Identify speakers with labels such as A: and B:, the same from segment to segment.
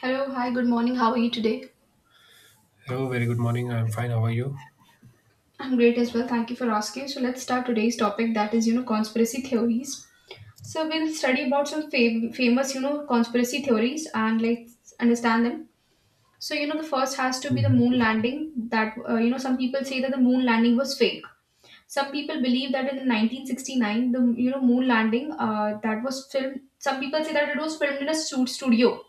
A: Hello, hi, good morning. How are you today?
B: Hello, very good morning. I'm fine. How are you?
A: I'm great as well. Thank you for asking. So let's start today's topic, that is, conspiracy theories. So we'll study about some famous, conspiracy theories and like understand them. The first has to be the
B: Mhm.
A: moon landing. Some people say that the moon landing was fake. Some people believe that in 1969, the moon landing that was filmed. Some people say that it was filmed in a shoot studio.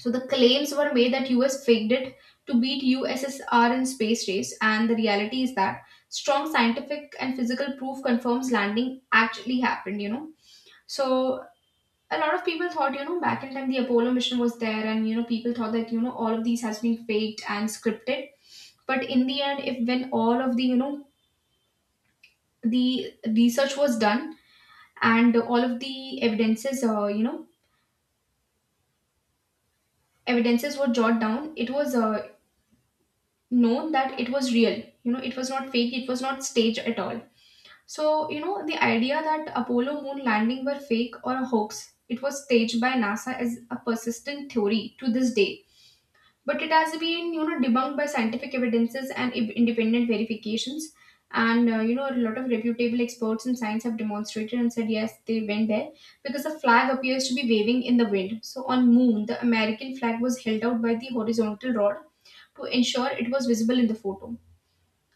A: So the claims were made that US faked it to beat USSR in space race, and the reality is that strong scientific and physical proof confirms landing actually happened. So a lot of people thought, back in time the Apollo mission was there, and people thought that all of these has been faked and scripted. But in the end, if when all of the the research was done and all of the evidences, evidences were jotted down, it was known that it was real. It was not fake, it was not staged at all. So the idea that Apollo moon landing were fake or a hoax, it was staged by NASA, as a persistent theory to this day. But it has been debunked by scientific evidences and independent verifications. And a lot of reputable experts in science have demonstrated and said yes, they went there. Because the flag appears to be waving in the wind. So on moon, the American flag was held out by the horizontal rod to ensure it was visible in the photo.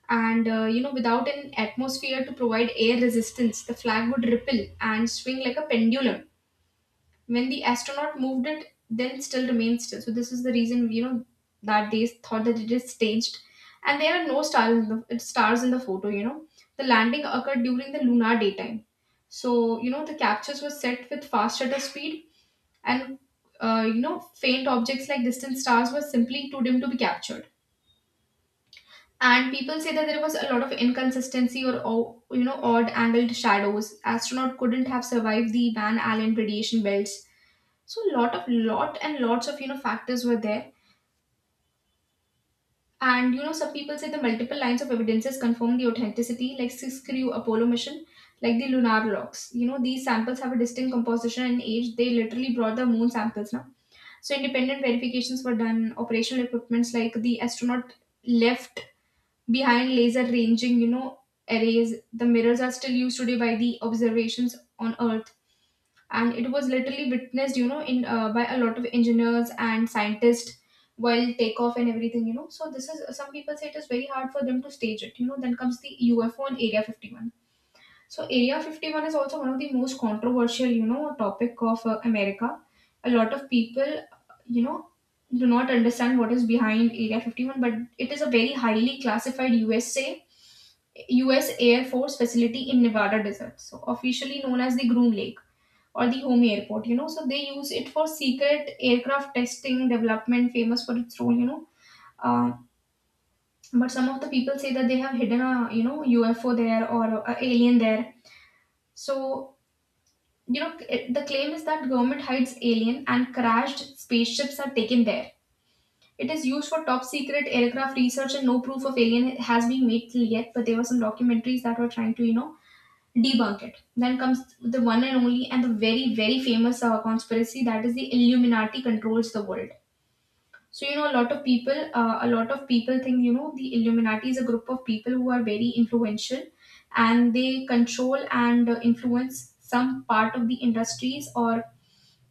A: And without an atmosphere to provide air resistance, the flag would ripple and swing like a pendulum when the astronaut moved it, then still remained still. So this is the reason, that they thought that it is staged. And there are no stars in the photo. The landing occurred during the lunar daytime. So the captures were set with fast shutter speed, and faint objects like distant stars were simply too dim to be captured. And people say that there was a lot of inconsistency or odd angled shadows. Astronaut couldn't have survived the Van Allen radiation belts. So lot and lots of factors were there. And some people say the multiple lines of evidences confirm the authenticity, like Siskriu Apollo mission, like the lunar logs. You know, these samples have a distinct composition and age. They literally brought the moon samples now. So independent verifications were done. Operational equipments like the astronaut left behind laser ranging, arrays. The mirrors are still used today by the observations on Earth, and it was literally witnessed, you know in by a lot of engineers and scientists while takeoff and everything. So this is, some people say it is very hard for them to stage it. Then comes the UFO and Area 51. So Area 51 is also one of the most controversial, topic of America. A lot of people, you know do not understand what is behind Area 51, but it is a very highly classified USA, US Air Force facility in Nevada desert, so officially known as the Groom Lake or the home airport. So they use it for secret aircraft testing development, famous for its role. Uh, but some of the people say that they have hidden a UFO there or a alien there. So the claim is that government hides alien and crashed spaceships are taken there. It is used for top secret aircraft research, and no proof of alien has been made till yet, but there were some documentaries that were trying to debunk it. Then comes the one and only and the very, very famous conspiracy, that is the Illuminati controls the world. So a lot of people, think the Illuminati is a group of people who are very influential, and they control and influence some part of the industries or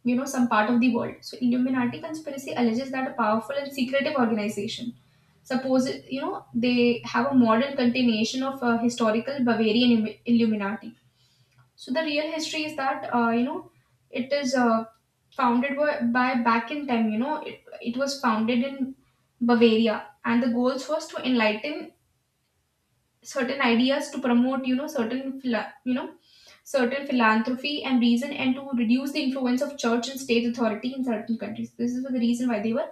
A: some part of the world. So Illuminati conspiracy alleges that a powerful and secretive organization, suppose they have a modern continuation of a historical Bavarian Illuminati. So the real history is that it is founded by, back in time. You know it was founded in Bavaria, and the goals was to enlighten certain ideas, to promote certain certain philanthropy and reason, and to reduce the influence of church and state authority in certain countries. This is the reason why they were,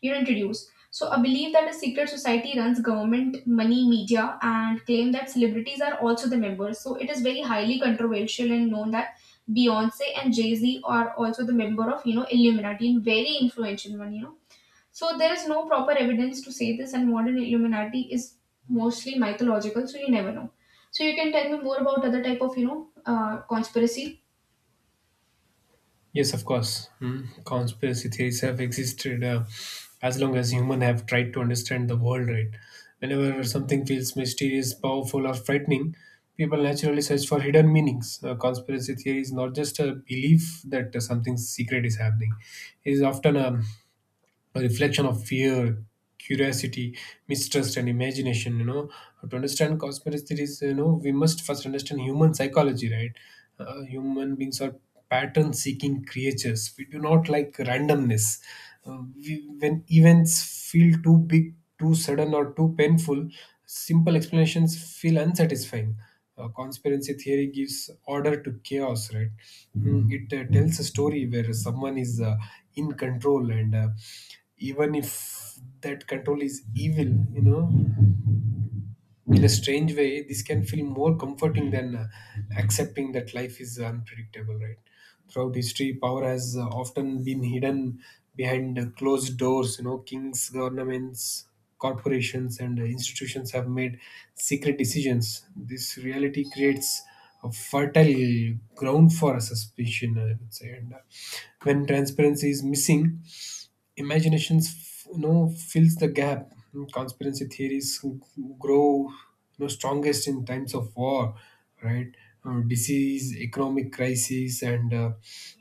A: introduce. So a belief that a secret society runs government, money, media, and claim that celebrities are also the members. So it is very highly controversial and known that Beyonce and Jay Z are also the member of Illuminati, and very influential one. You know, so there is no proper evidence to say this, and modern Illuminati is mostly mythological, so you never know. So you can tell me more about other type of conspiracy.
B: Yes, of course. Hmm. Conspiracy theories have existed as long as humans have tried to understand the world, right? Whenever something feels mysterious, powerful, or frightening, people naturally search for hidden meanings. A conspiracy theory is not just a belief that something secret is happening, it is often a reflection of fear, curiosity, mistrust, and imagination. You know, to understand conspiracy theories, you know, we must first understand human psychology, right? Human beings are pattern-seeking creatures. We do not like randomness. When events feel too big, too sudden, or too painful, simple explanations feel unsatisfying, conspiracy theory gives order to chaos, right? Mm, it tells a story where someone is, in control, and even if that control is evil, you know, in a strange way this can feel more comforting than accepting that life is unpredictable, right? Throughout history, power has, often been hidden behind closed doors, you know, kings, governments, corporations, and institutions have made secret decisions. This reality creates a fertile ground for a suspicion, I would say. And when transparency is missing, imaginations, you know, fills the gap. Conspiracy theories grow, you know, strongest in times of war, right? Disease, economic crisis, and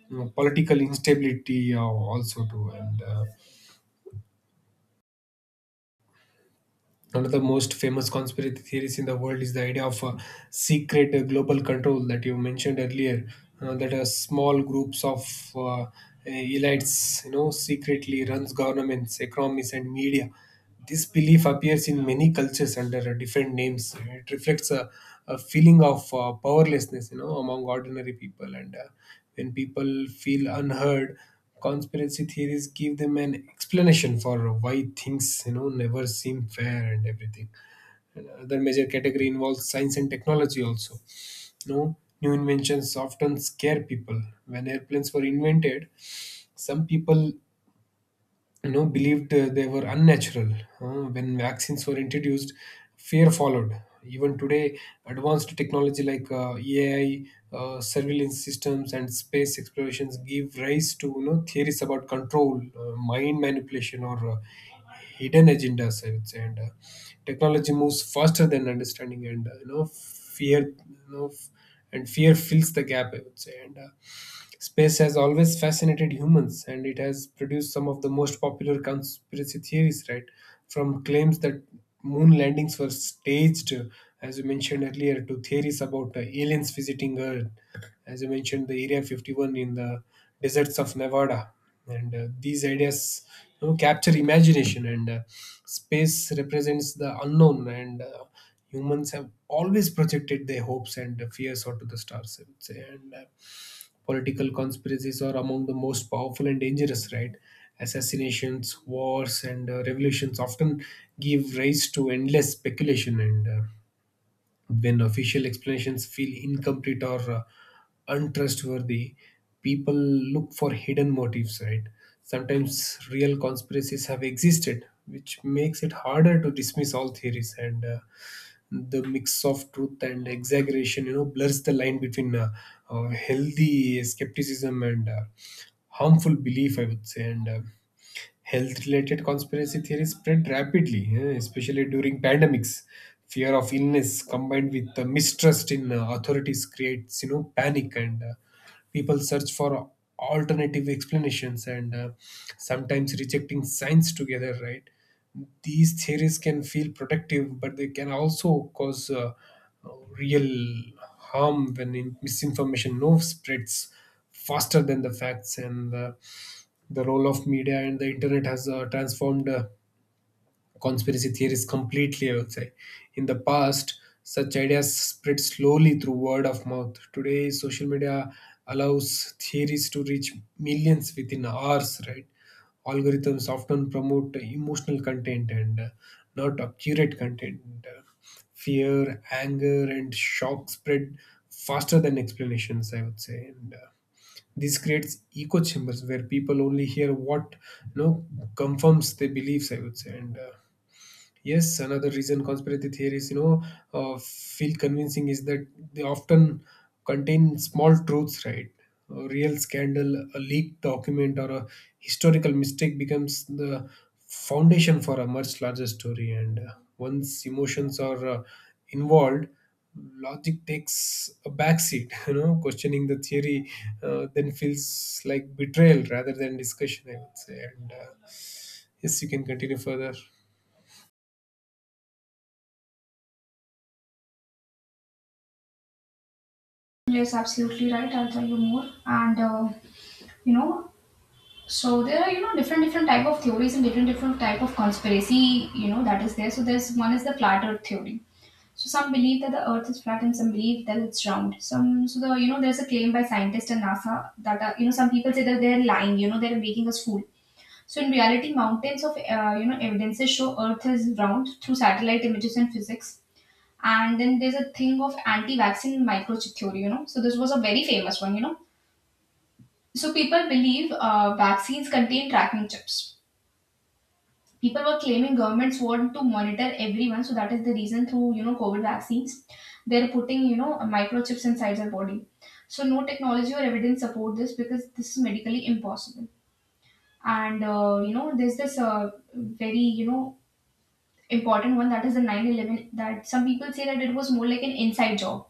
B: you know, political instability, also too. And one of the most famous conspiracy theories in the world is the idea of a secret, global control that you mentioned earlier, that a small groups of, uh, elites, you know, secretly runs governments, economies, and media. This belief appears in many cultures under different names. It reflects a feeling of, powerlessness, you know, among ordinary people. And when people feel unheard, conspiracy theories give them an explanation for why things, you know, never seem fair and everything. And another major category involves science and technology also. You know, new inventions often scare people. When airplanes were invented, some people, you know, believed, they were unnatural. When vaccines were introduced, fear followed. Even today, advanced technology like, AI, surveillance systems, and space explorations give rise to, you know, theories about control, mind manipulation, or hidden agendas, I would say. And technology moves faster than understanding, and you know, fear you know f- and fear fills the gap, I would say. And space has always fascinated humans, and it has produced some of the most popular conspiracy theories, right? From claims that moon landings were staged, as you mentioned earlier, to theories about aliens visiting Earth, as you mentioned, the Area 51 in the deserts of Nevada. And these ideas, you know, capture imagination, and space represents the unknown, and humans have always projected their hopes and fears onto the stars, I would say. And political conspiracies are among the most powerful and dangerous, right? Assassinations, wars, and revolutions often give rise to endless speculation. And when official explanations feel incomplete or untrustworthy, people look for hidden motives, right? Sometimes real conspiracies have existed, which makes it harder to dismiss all theories. And the mix of truth and exaggeration, you know, blurs the line between healthy skepticism and harmful belief, I would say. And health related conspiracy theories spread rapidly, eh, especially during pandemics. Fear of illness combined with the mistrust in, authorities creates, you know, panic. And people search for alternative explanations, and sometimes rejecting science together, right? These theories can feel protective, but they can also cause real harm when misinformation no spreads faster than the facts. And the role of media and the internet has transformed conspiracy theories completely, I would say. In the past, such ideas spread slowly through word of mouth. Today, social media allows theories to reach millions within hours, right? Algorithms often promote emotional content and, not accurate content. Fear, anger, and shock spread faster than explanations, I would say. And this creates echo chambers where people only hear what, you know, confirms their beliefs, I would say. And yes, another reason conspiracy theories, you know, feel convincing is that they often contain small truths, right? A real scandal, a leaked document, or a historical mistake becomes the foundation for a much larger story. And once emotions are, involved, logic takes a backseat. You know, questioning the theory, then feels like betrayal rather than discussion, I would say. And yes, you can continue further.
A: Yes, absolutely right. I'll tell you more. And. You know So there are different different type of theories and different different type of conspiracy, that is there. So there's one is the flat Earth theory. So some believe that the Earth is flat and some believe that it's round. Some so the you know There's a claim by scientists and NASA that some people say that they're lying. You know they're making us fool. So in reality, mountains of evidences show Earth is round through satellite images and physics. And then there's a thing of anti-vaccine microchip theory. You know, so this was a very famous one. So people believe vaccines contain tracking chips. People were claiming governments want to monitor everyone, so that is the reason, through COVID vaccines, they're putting microchips inside their body. So no technology or evidence support this, because this is medically impossible. And there's this very important one, that is the 9/11, that some people say that it was more like an inside job.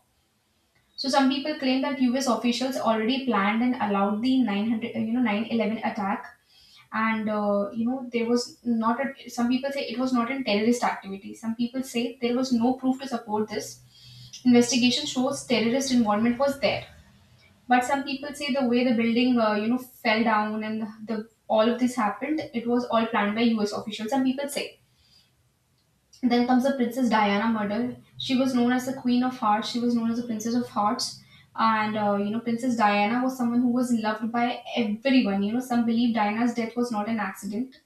A: So some people claim that U.S. officials already planned and allowed the 900 9/11 attack. And there was not a, some people say it was not in terrorist activity. Some people say there was no proof to support this. Investigation shows terrorist involvement was there, but some people say the way the building fell down and the all of this happened, it was all planned by US officials, some people say. Then comes the Princess Diana murder. She was known as the Queen of Hearts, she was known as the Princess of Hearts. And Princess Diana was someone who was loved by everyone. You know, some believe Diana's death was not an accident.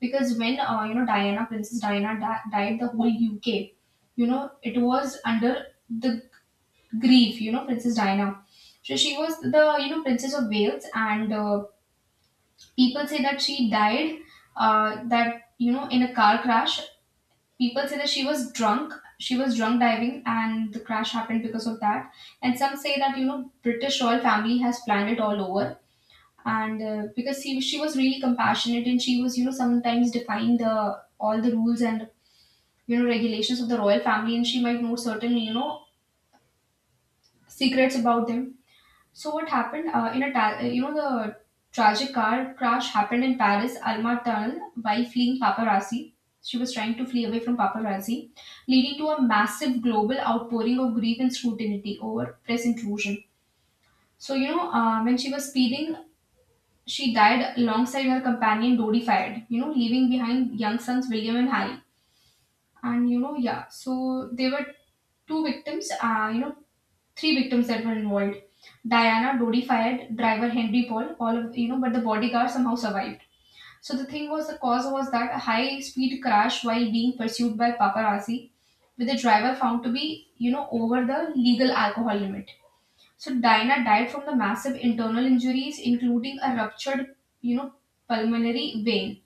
A: Because when Diana, Princess Diana, died, the whole UK, it was under the grief, you know, Princess Diana. So she was the Princess of Wales, and people say that she died that you know in a car crash. People say that she was drunk. She was drunk diving, and the crash happened because of that. And some say that British royal family has planned it all over. And because he, she was really compassionate, and she was sometimes defying the all the rules and regulations of the royal family, and she might know certain secrets about them. So what happened, in a ta- you know the tragic car crash happened in Paris Alma tunnel while fleeing paparazzi. She was trying to flee away from paparazzi, leading to a massive global outpouring of grief and scrutiny over press intrusion. So when she was speeding, she died alongside her companion Dodi Fayed, leaving behind young sons William and Harry. And yeah, so there were two victims, you know, three victims that were involved. Diana, Dodi Fayed, driver Henry Paul, all of but the bodyguard somehow survived. So the thing was, the cause was that a high-speed crash while being pursued by paparazzi, with the driver found to be, over the legal alcohol limit. So Diana died from the massive internal injuries, including a ruptured, you know, pulmonary vein.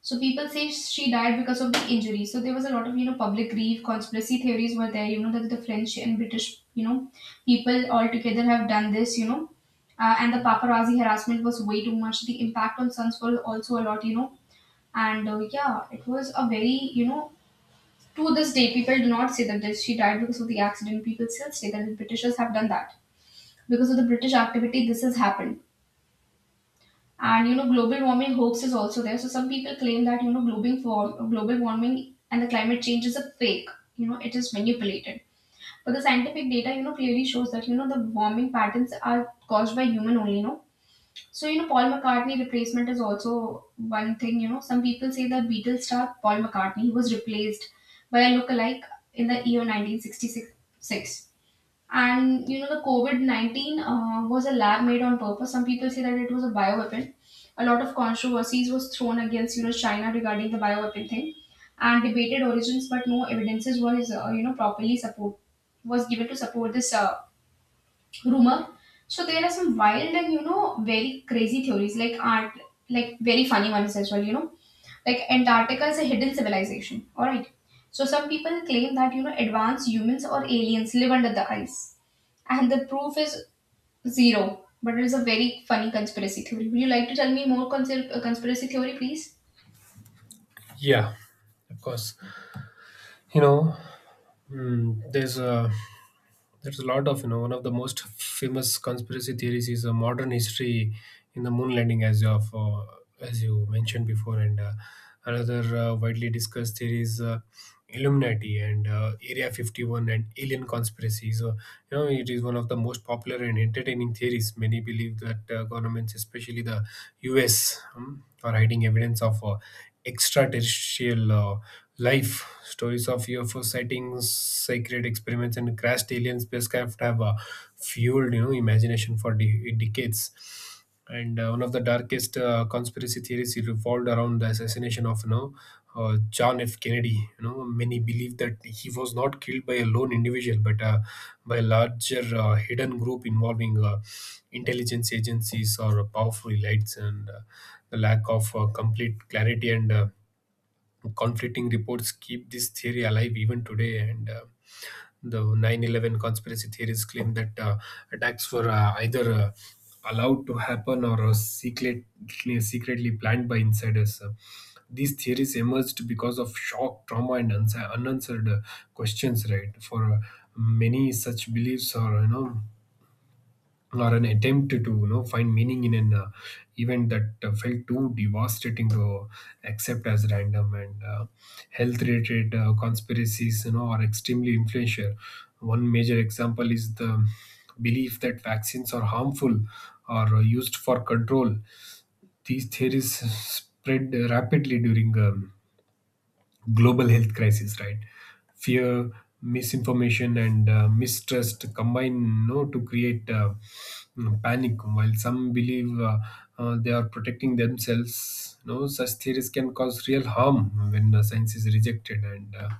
A: So people say she died because of the injury. So there was a lot of, public grief, conspiracy theories were there, that the French and British, people all together have done this. And the paparazzi harassment was way too much. The impact on sons was also a lot, And yeah, it was a very, to this day, people do not say that she died because of the accident. People still say that the Britishers have done that because of the British activity, this has happened. And global warming hoax is also there. So some people claim that global warming and the climate change is a fake. You know, it is manipulated. But the scientific data, clearly shows that the warming patterns are caused by human only. No, so Paul McCartney replacement is also one thing. You know, some people say that Beatles star Paul McCartney he was replaced by a lookalike in the year 1966. And the COVID 19 was a lab made on purpose. Some people say that it was a bioweapon. A lot of controversies was thrown against, China regarding the bioweapon thing and debated origins, but no evidences was, you know, properly support was given to support this rumor. So there are some wild and very crazy theories, like very funny ones as well. You know, like Antarctica is a hidden civilization. All right. So some people claim that advanced humans or aliens live under the ice, and the proof is zero. But it is a very funny conspiracy theory. Would you like to tell me more conspiracy theory, please?
B: Yeah, of course. You know, mm, there's a lot of, you know, one of the most famous conspiracy theories is a modern history in the moon landing as of, as you mentioned before, and another widely discussed theory is, Illuminati and Area 51 and alien conspiracy. So, you know, it is one of the most popular and entertaining theories. Many believe that governments, especially the U.S., are hiding evidence of extraterrestrial. Life stories of UFO sightings, sacred experiments, and crashed alien spacecraft have fueled, you know, imagination for decades. And one of the darkest conspiracy theories revolved around the assassination of, you know, John F. Kennedy. You know, many believe that he was not killed by a lone individual, but by a larger hidden group involving intelligence agencies or powerful elites. And the lack of complete clarity and conflicting reports keep this theory alive even today. And the 9-11 conspiracy theories claim that attacks were, either allowed to happen or secretly planned by insiders. These theories emerged because of shock, trauma, and unanswered questions, right? For many, such beliefs are, you know, or an attempt to, you know, find meaning in an, event that, felt too devastating to accept as random. And health related conspiracies, you know, are extremely influential. One major example is the belief that vaccines are harmful or used for control. These theories spread rapidly during, global health crisis, right? Fear, misinformation, and mistrust combine, you know, to create, mm, panic. While some believe, they are protecting themselves, you know, such theories can cause real harm when science is rejected. And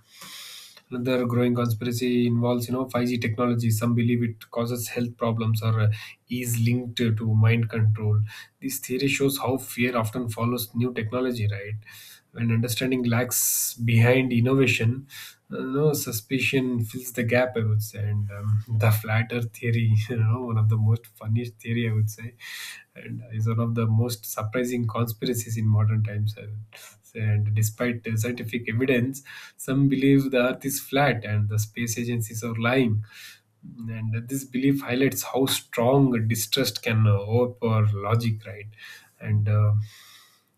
B: another growing conspiracy involves, you know, 5G technology. Some believe it causes health problems or is linked to mind control. This theory shows how fear often follows new technology, right? When understanding lacks behind innovation, no suspicion fills the gap, I would say. And the flat earth theory, you know, one of the most funniest theory, I would say, and is one of the most surprising conspiracies in modern times, I would say. And despite the scientific evidence, some believe the earth is flat and the space agencies are lying. And this belief highlights how strong distrust can, overpower logic, right? And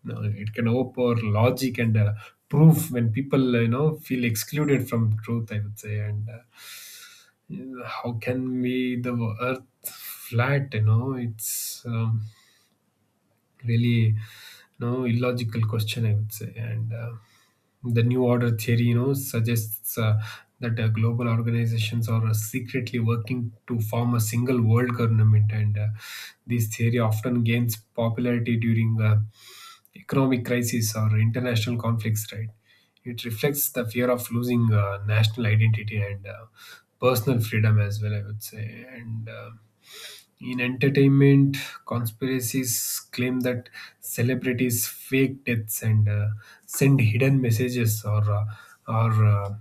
B: no, it can overpower logic and, proof when people, you know, feel excluded from truth, I would say. And how can be the earth flat, you know? It's, really no illogical question, I would say. And the new order theory, you know, suggests, that global organizations are, secretly working to form a single world government. And this theory often gains popularity during economic crises or international conflicts, right? It reflects the fear of losing, national identity and personal freedom as well, I would say. And in entertainment, conspiracies claim that celebrities fake deaths and send hidden messages, or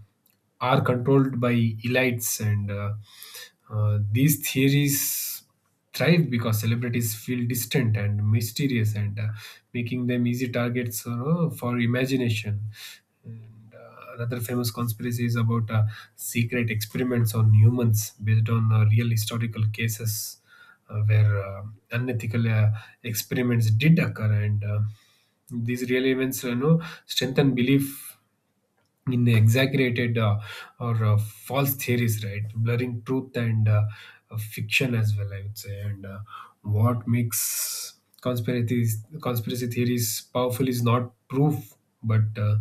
B: are controlled by elites. And these theories thrive because celebrities feel distant and mysterious, and making them easy targets for imagination. And another famous conspiracy is about, secret experiments on humans based on, real historical cases where, unethical, experiments did occur. And these real events, you know, strengthen belief in the exaggerated, or false theories, right? Blurring truth and, fiction as well, I would say. And what makes conspiracy theories powerful is not proof, but,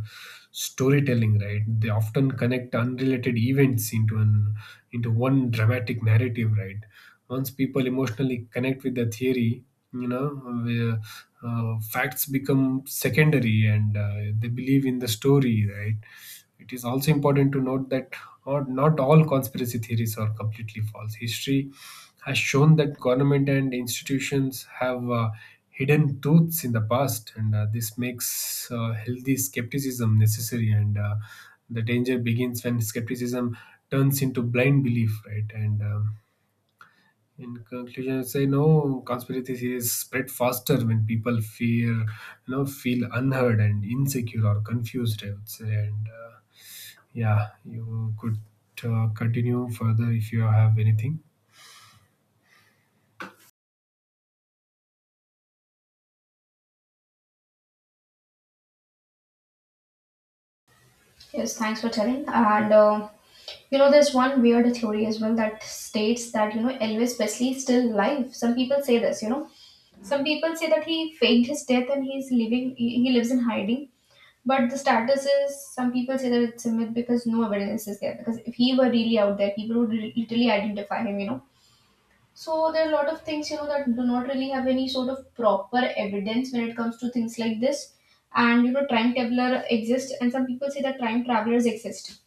B: storytelling, right? They often connect unrelated events into one dramatic narrative, right? Once people emotionally connect with the theory, you know, where, facts become secondary, and they believe in the story, right? It is also important to note that, not all conspiracy theories are completely false. History has shown that government and institutions have, hidden truths in the past, and this makes, healthy skepticism necessary. And the danger begins when skepticism turns into blind belief, right? And in conclusion, I say no. Conspiracy theories spread faster when people fear, feel unheard and insecure or confused, I would say. And uh, yeah, you could continue further if you have anything.
A: Yes, thanks for telling. And you know, there's one weird theory as well that states that Elvis Presley is still alive. Some people say this, you know. Some people say that he faked his death and he's living. He lives in hiding. But the status is some people say that it's a myth because no evidence is there. Because if he were really out there, people would literally identify him, you know. So there are a lot of things that do not really have any sort of proper evidence when it comes to things like this. And time traveler exists, and some people say that time travelers exist.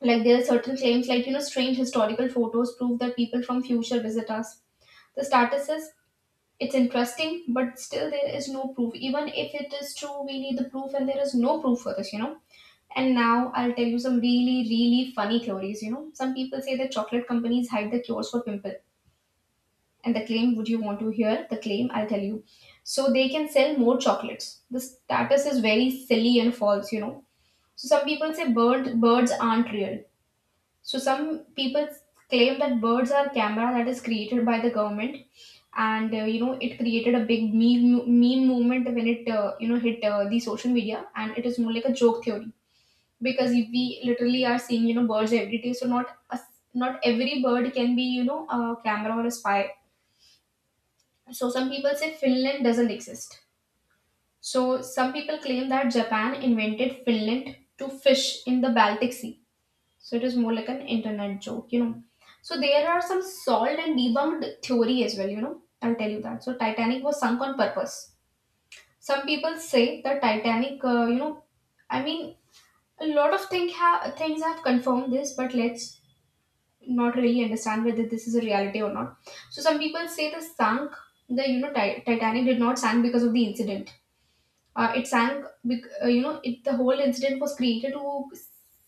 A: Like there are certain claims, like strange historical photos prove that people from future visit us. The status is it's interesting, but still there is no proof. Even if it is true, we need the proof, and there is no proof for this, you know. And now I'll tell you some really, really funny theories. You know, some people say that chocolate companies hide the cures for pimple. And the claim, would you want to hear the claim? I'll tell you. So they can sell more chocolates. The status is very silly and false, you know. So some people say birds aren't real. So some people claim that birds are camera that is created by the government. And you know, it created a big meme movement when it you know, hit the social media, and it is more like a joke theory because we literally are seeing birds every day. So not every bird can be a camera or a spy. So some people say Finland doesn't exist. So some people claim that Japan invented Finland to fish in the Baltic Sea. So it is more like an internet joke, you know. So there are some solved and debunked theory as well, you know. I'll tell you that. So Titanic was sunk on purpose. Some people say that Titanic, I mean, a lot of things have confirmed this, but let's not really understand whether this is a reality or not. So some people say the sunk, the you know, Titanic did not sink because of the incident. It sank, it, the whole incident was created to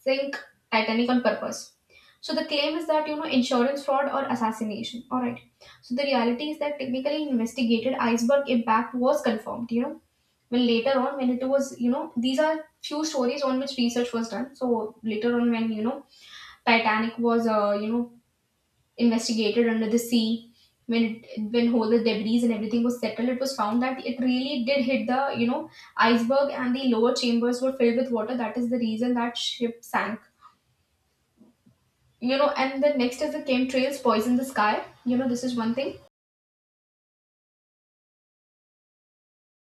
A: sink Titanic on purpose. So the claim is that, you know, insurance fraud or assassination. All right. So the reality is that technically investigated iceberg impact was confirmed, you know, when later on, when it was, you know, these are few stories on which research was done. So later on, when, you know, Titanic was, investigated under the sea when when all the debris and everything was settled, it was found that it really did hit the iceberg, and the lower chambers were filled with water. That is the reason that ship sank, you know. And the next is the chemtrails poison the sky, you know. This is one thing.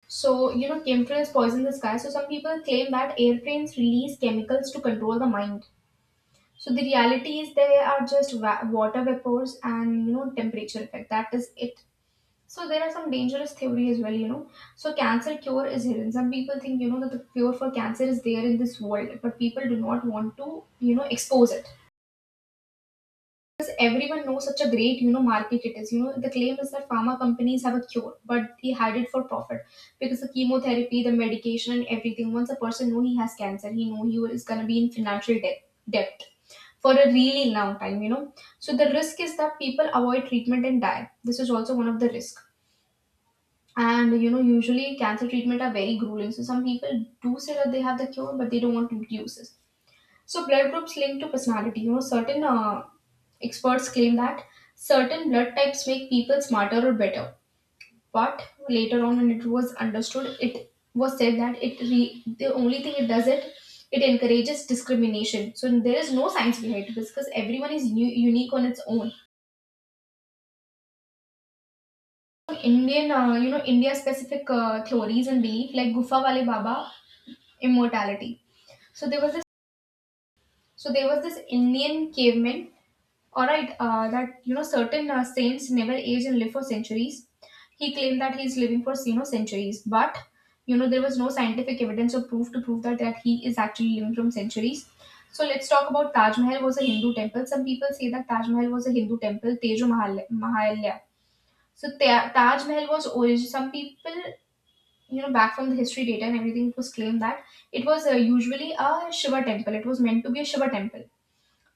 A: So you know, chemtrails poison the sky. So some people claim that airplanes release chemicals to control the mind. So the reality is they are just water vapors and temperature effect. That is it. So there are some dangerous theory as well, you know. So cancer cure is hidden. Some people think, you know, that the cure for cancer is there in this world, but people do not want to, expose it. Because everyone knows such a great, market it is. You know, the claim is that pharma companies have a cure, but they hide it for profit. Because the chemotherapy, the medication and everything, once a person know he has cancer, he know he is gonna be in financial debt for a really long time, you know. So the risk is that people avoid treatment and die. This is also one of the risk, and you know, usually cancer treatment are very grueling. So some people do say that they have the cure, but they don't want to use it. So blood groups linked to personality. You know, certain experts claim that certain blood types make people smarter or better. But later on, when it was understood, it was said that the only thing it does it, it encourages discrimination. So there is no science behind this because everyone is unique on its own. India specific theories and belief like Gufa Wale Baba immortality. So there was this. So there was this Indian caveman. All right, that you know certain saints never age and live for centuries. He claimed that he's living for centuries, but there was no scientific evidence or proof to prove that he is actually living from centuries. So let's talk about Taj Mahal was a Hindu temple. Some people say that Taj Mahal was a Hindu temple, Tejo Mahal Mahalya. So Taj Mahal was origin. Some people, you know, back from the history data and everything, it was claimed that it was usually a Shiva temple. It was meant to be a Shiva temple.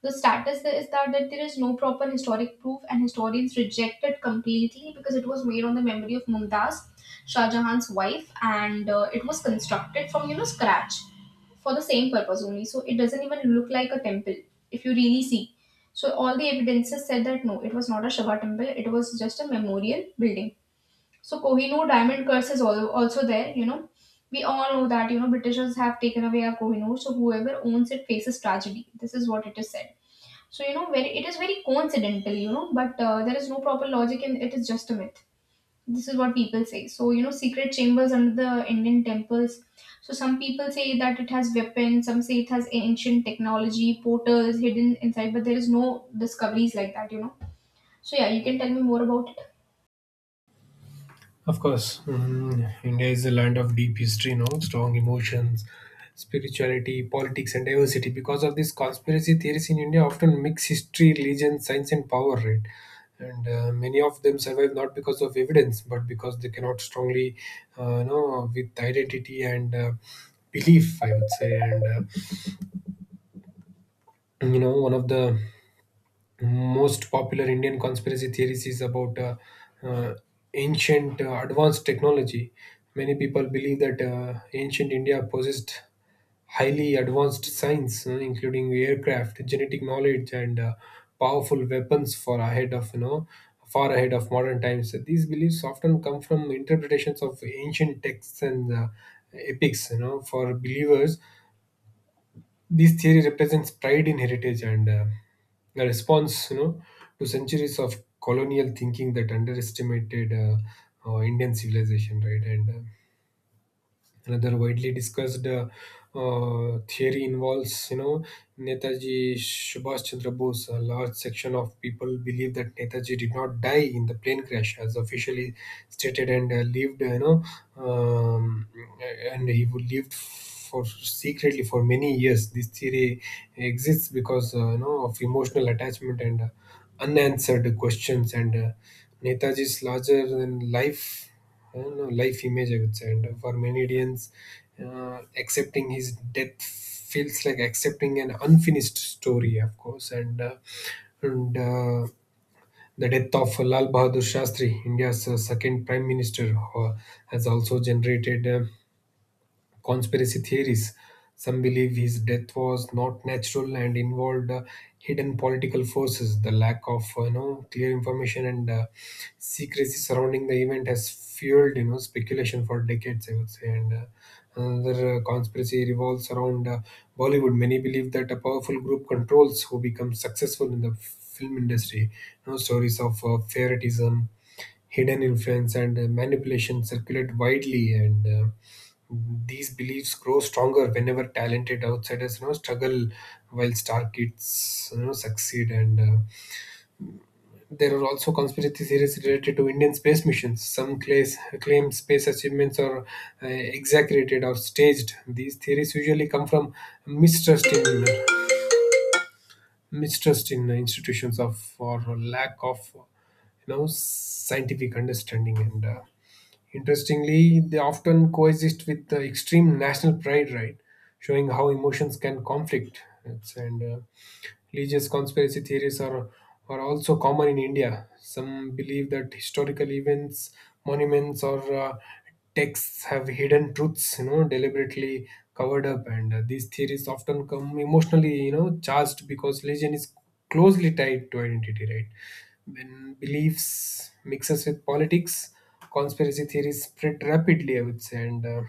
A: The status there is that there is no proper historic proof, and historians reject it completely because it was made on the memory of Mumtaz, Shah Jahan's wife, and it was constructed from scratch for the same purpose only. So it doesn't even look like a temple if you really see. So all the evidences said that no, it was not a Shiva temple; it was just a memorial building. So Kohinoor diamond curse is also there. You know, we all know that Britishers have taken away our Kohinoor, so whoever owns it faces tragedy. This is what it is said. So you know, very it is very coincidental, you know, but there is no proper logic and it is just a myth. This is what people say. So you know, secret chambers under the Indian temples. So some people say that it has weapons, some say it has ancient technology, portals hidden inside, but there is no discoveries like that, you know. So yeah, you can tell me more about it.
B: Of course. India is a land of deep history, no strong emotions, spirituality, politics, and diversity. Because of this, conspiracy theories in India often mix history, religion, science, and power, right? and Many of them survive not because of evidence, but because they cannot strongly, with identity and belief, I would say. One of the most popular Indian conspiracy theories is about uh, ancient advanced technology. Many people believe that ancient India possessed highly advanced science, including aircraft, genetic knowledge, and powerful weapons for ahead of far ahead of modern times. These beliefs often come from interpretations of ancient texts and epics. You know, for believers, this theory represents pride in heritage and a response, you know, to centuries of colonial thinking that underestimated Indian civilization, right? And Another widely discussed theory involves, you know, Netaji Subhash Chandra Bose. A large section of people believe that Netaji did not die in the plane crash, as officially stated, and lived, um, and he would lived for secretly for many years. This theory exists because, you know, of emotional attachment and unanswered questions, and Netaji's larger than life I don't know, life image, I would say. And for many Indians, accepting his death feels like accepting an unfinished story, of course. And The death of Lal Bahadur Shastri, India's second prime minister, has also generated conspiracy theories. Some believe his death was not natural and involved hidden political forces. The lack of you know clear information and secrecy surrounding the event has fueled you know speculation for decades, I would say. And Another conspiracy revolves around Bollywood. Many believe that a powerful group controls who becomes successful in the film industry. You know, stories of favoritism, hidden influence, and manipulation circulate widely, and these beliefs grow stronger whenever talented outsiders you know struggle while star kids you know succeed. And There are also conspiracy theories related to Indian space missions. Some claim space achievements are exaggerated or staged. These theories usually come from mistrust in mistrust in institutions of or lack of you know scientific understanding. And. Interestingly, they often coexist with the extreme national pride, right? Showing how emotions can conflict. It's, and Religious conspiracy theories are also common in India. Some believe that historical events, monuments, or texts have hidden truths, you know, deliberately covered up. And these theories often come emotionally, you know, charged because religion is closely tied to identity, right? When beliefs mixes with politics, conspiracy theories spread rapidly, I would say. And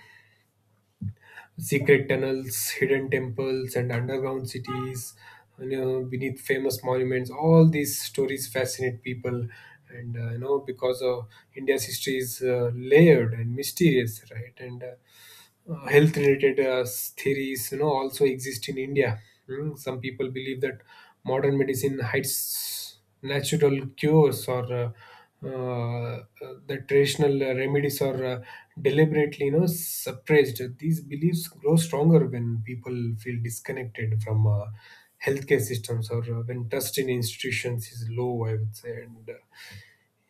B: Secret tunnels, hidden temples, and underground cities, you know, beneath famous monuments, all these stories fascinate people, and you know, because of India's history is layered and mysterious, right? And Health related theories you know also exist in India. Hmm, some people believe that modern medicine hides natural cures, or uh, the traditional remedies are deliberately you know suppressed. These beliefs grow stronger when people feel disconnected from healthcare systems, or when trust in institutions is low, I would say. and uh,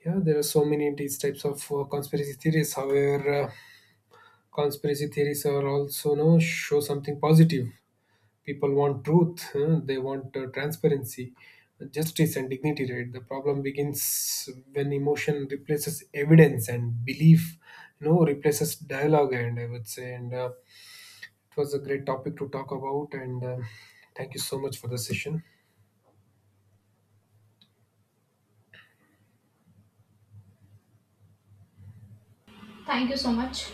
B: yeah there are so many these types of conspiracy theories. However, conspiracy theories are also no show something positive. People want truth, huh? They want transparency, justice, and dignity. Right. The problem begins when emotion replaces evidence and belief, you know, replaces dialogue, And I would say. And It was a great topic to talk about. And Thank you so much for the session.
A: Thank you so much.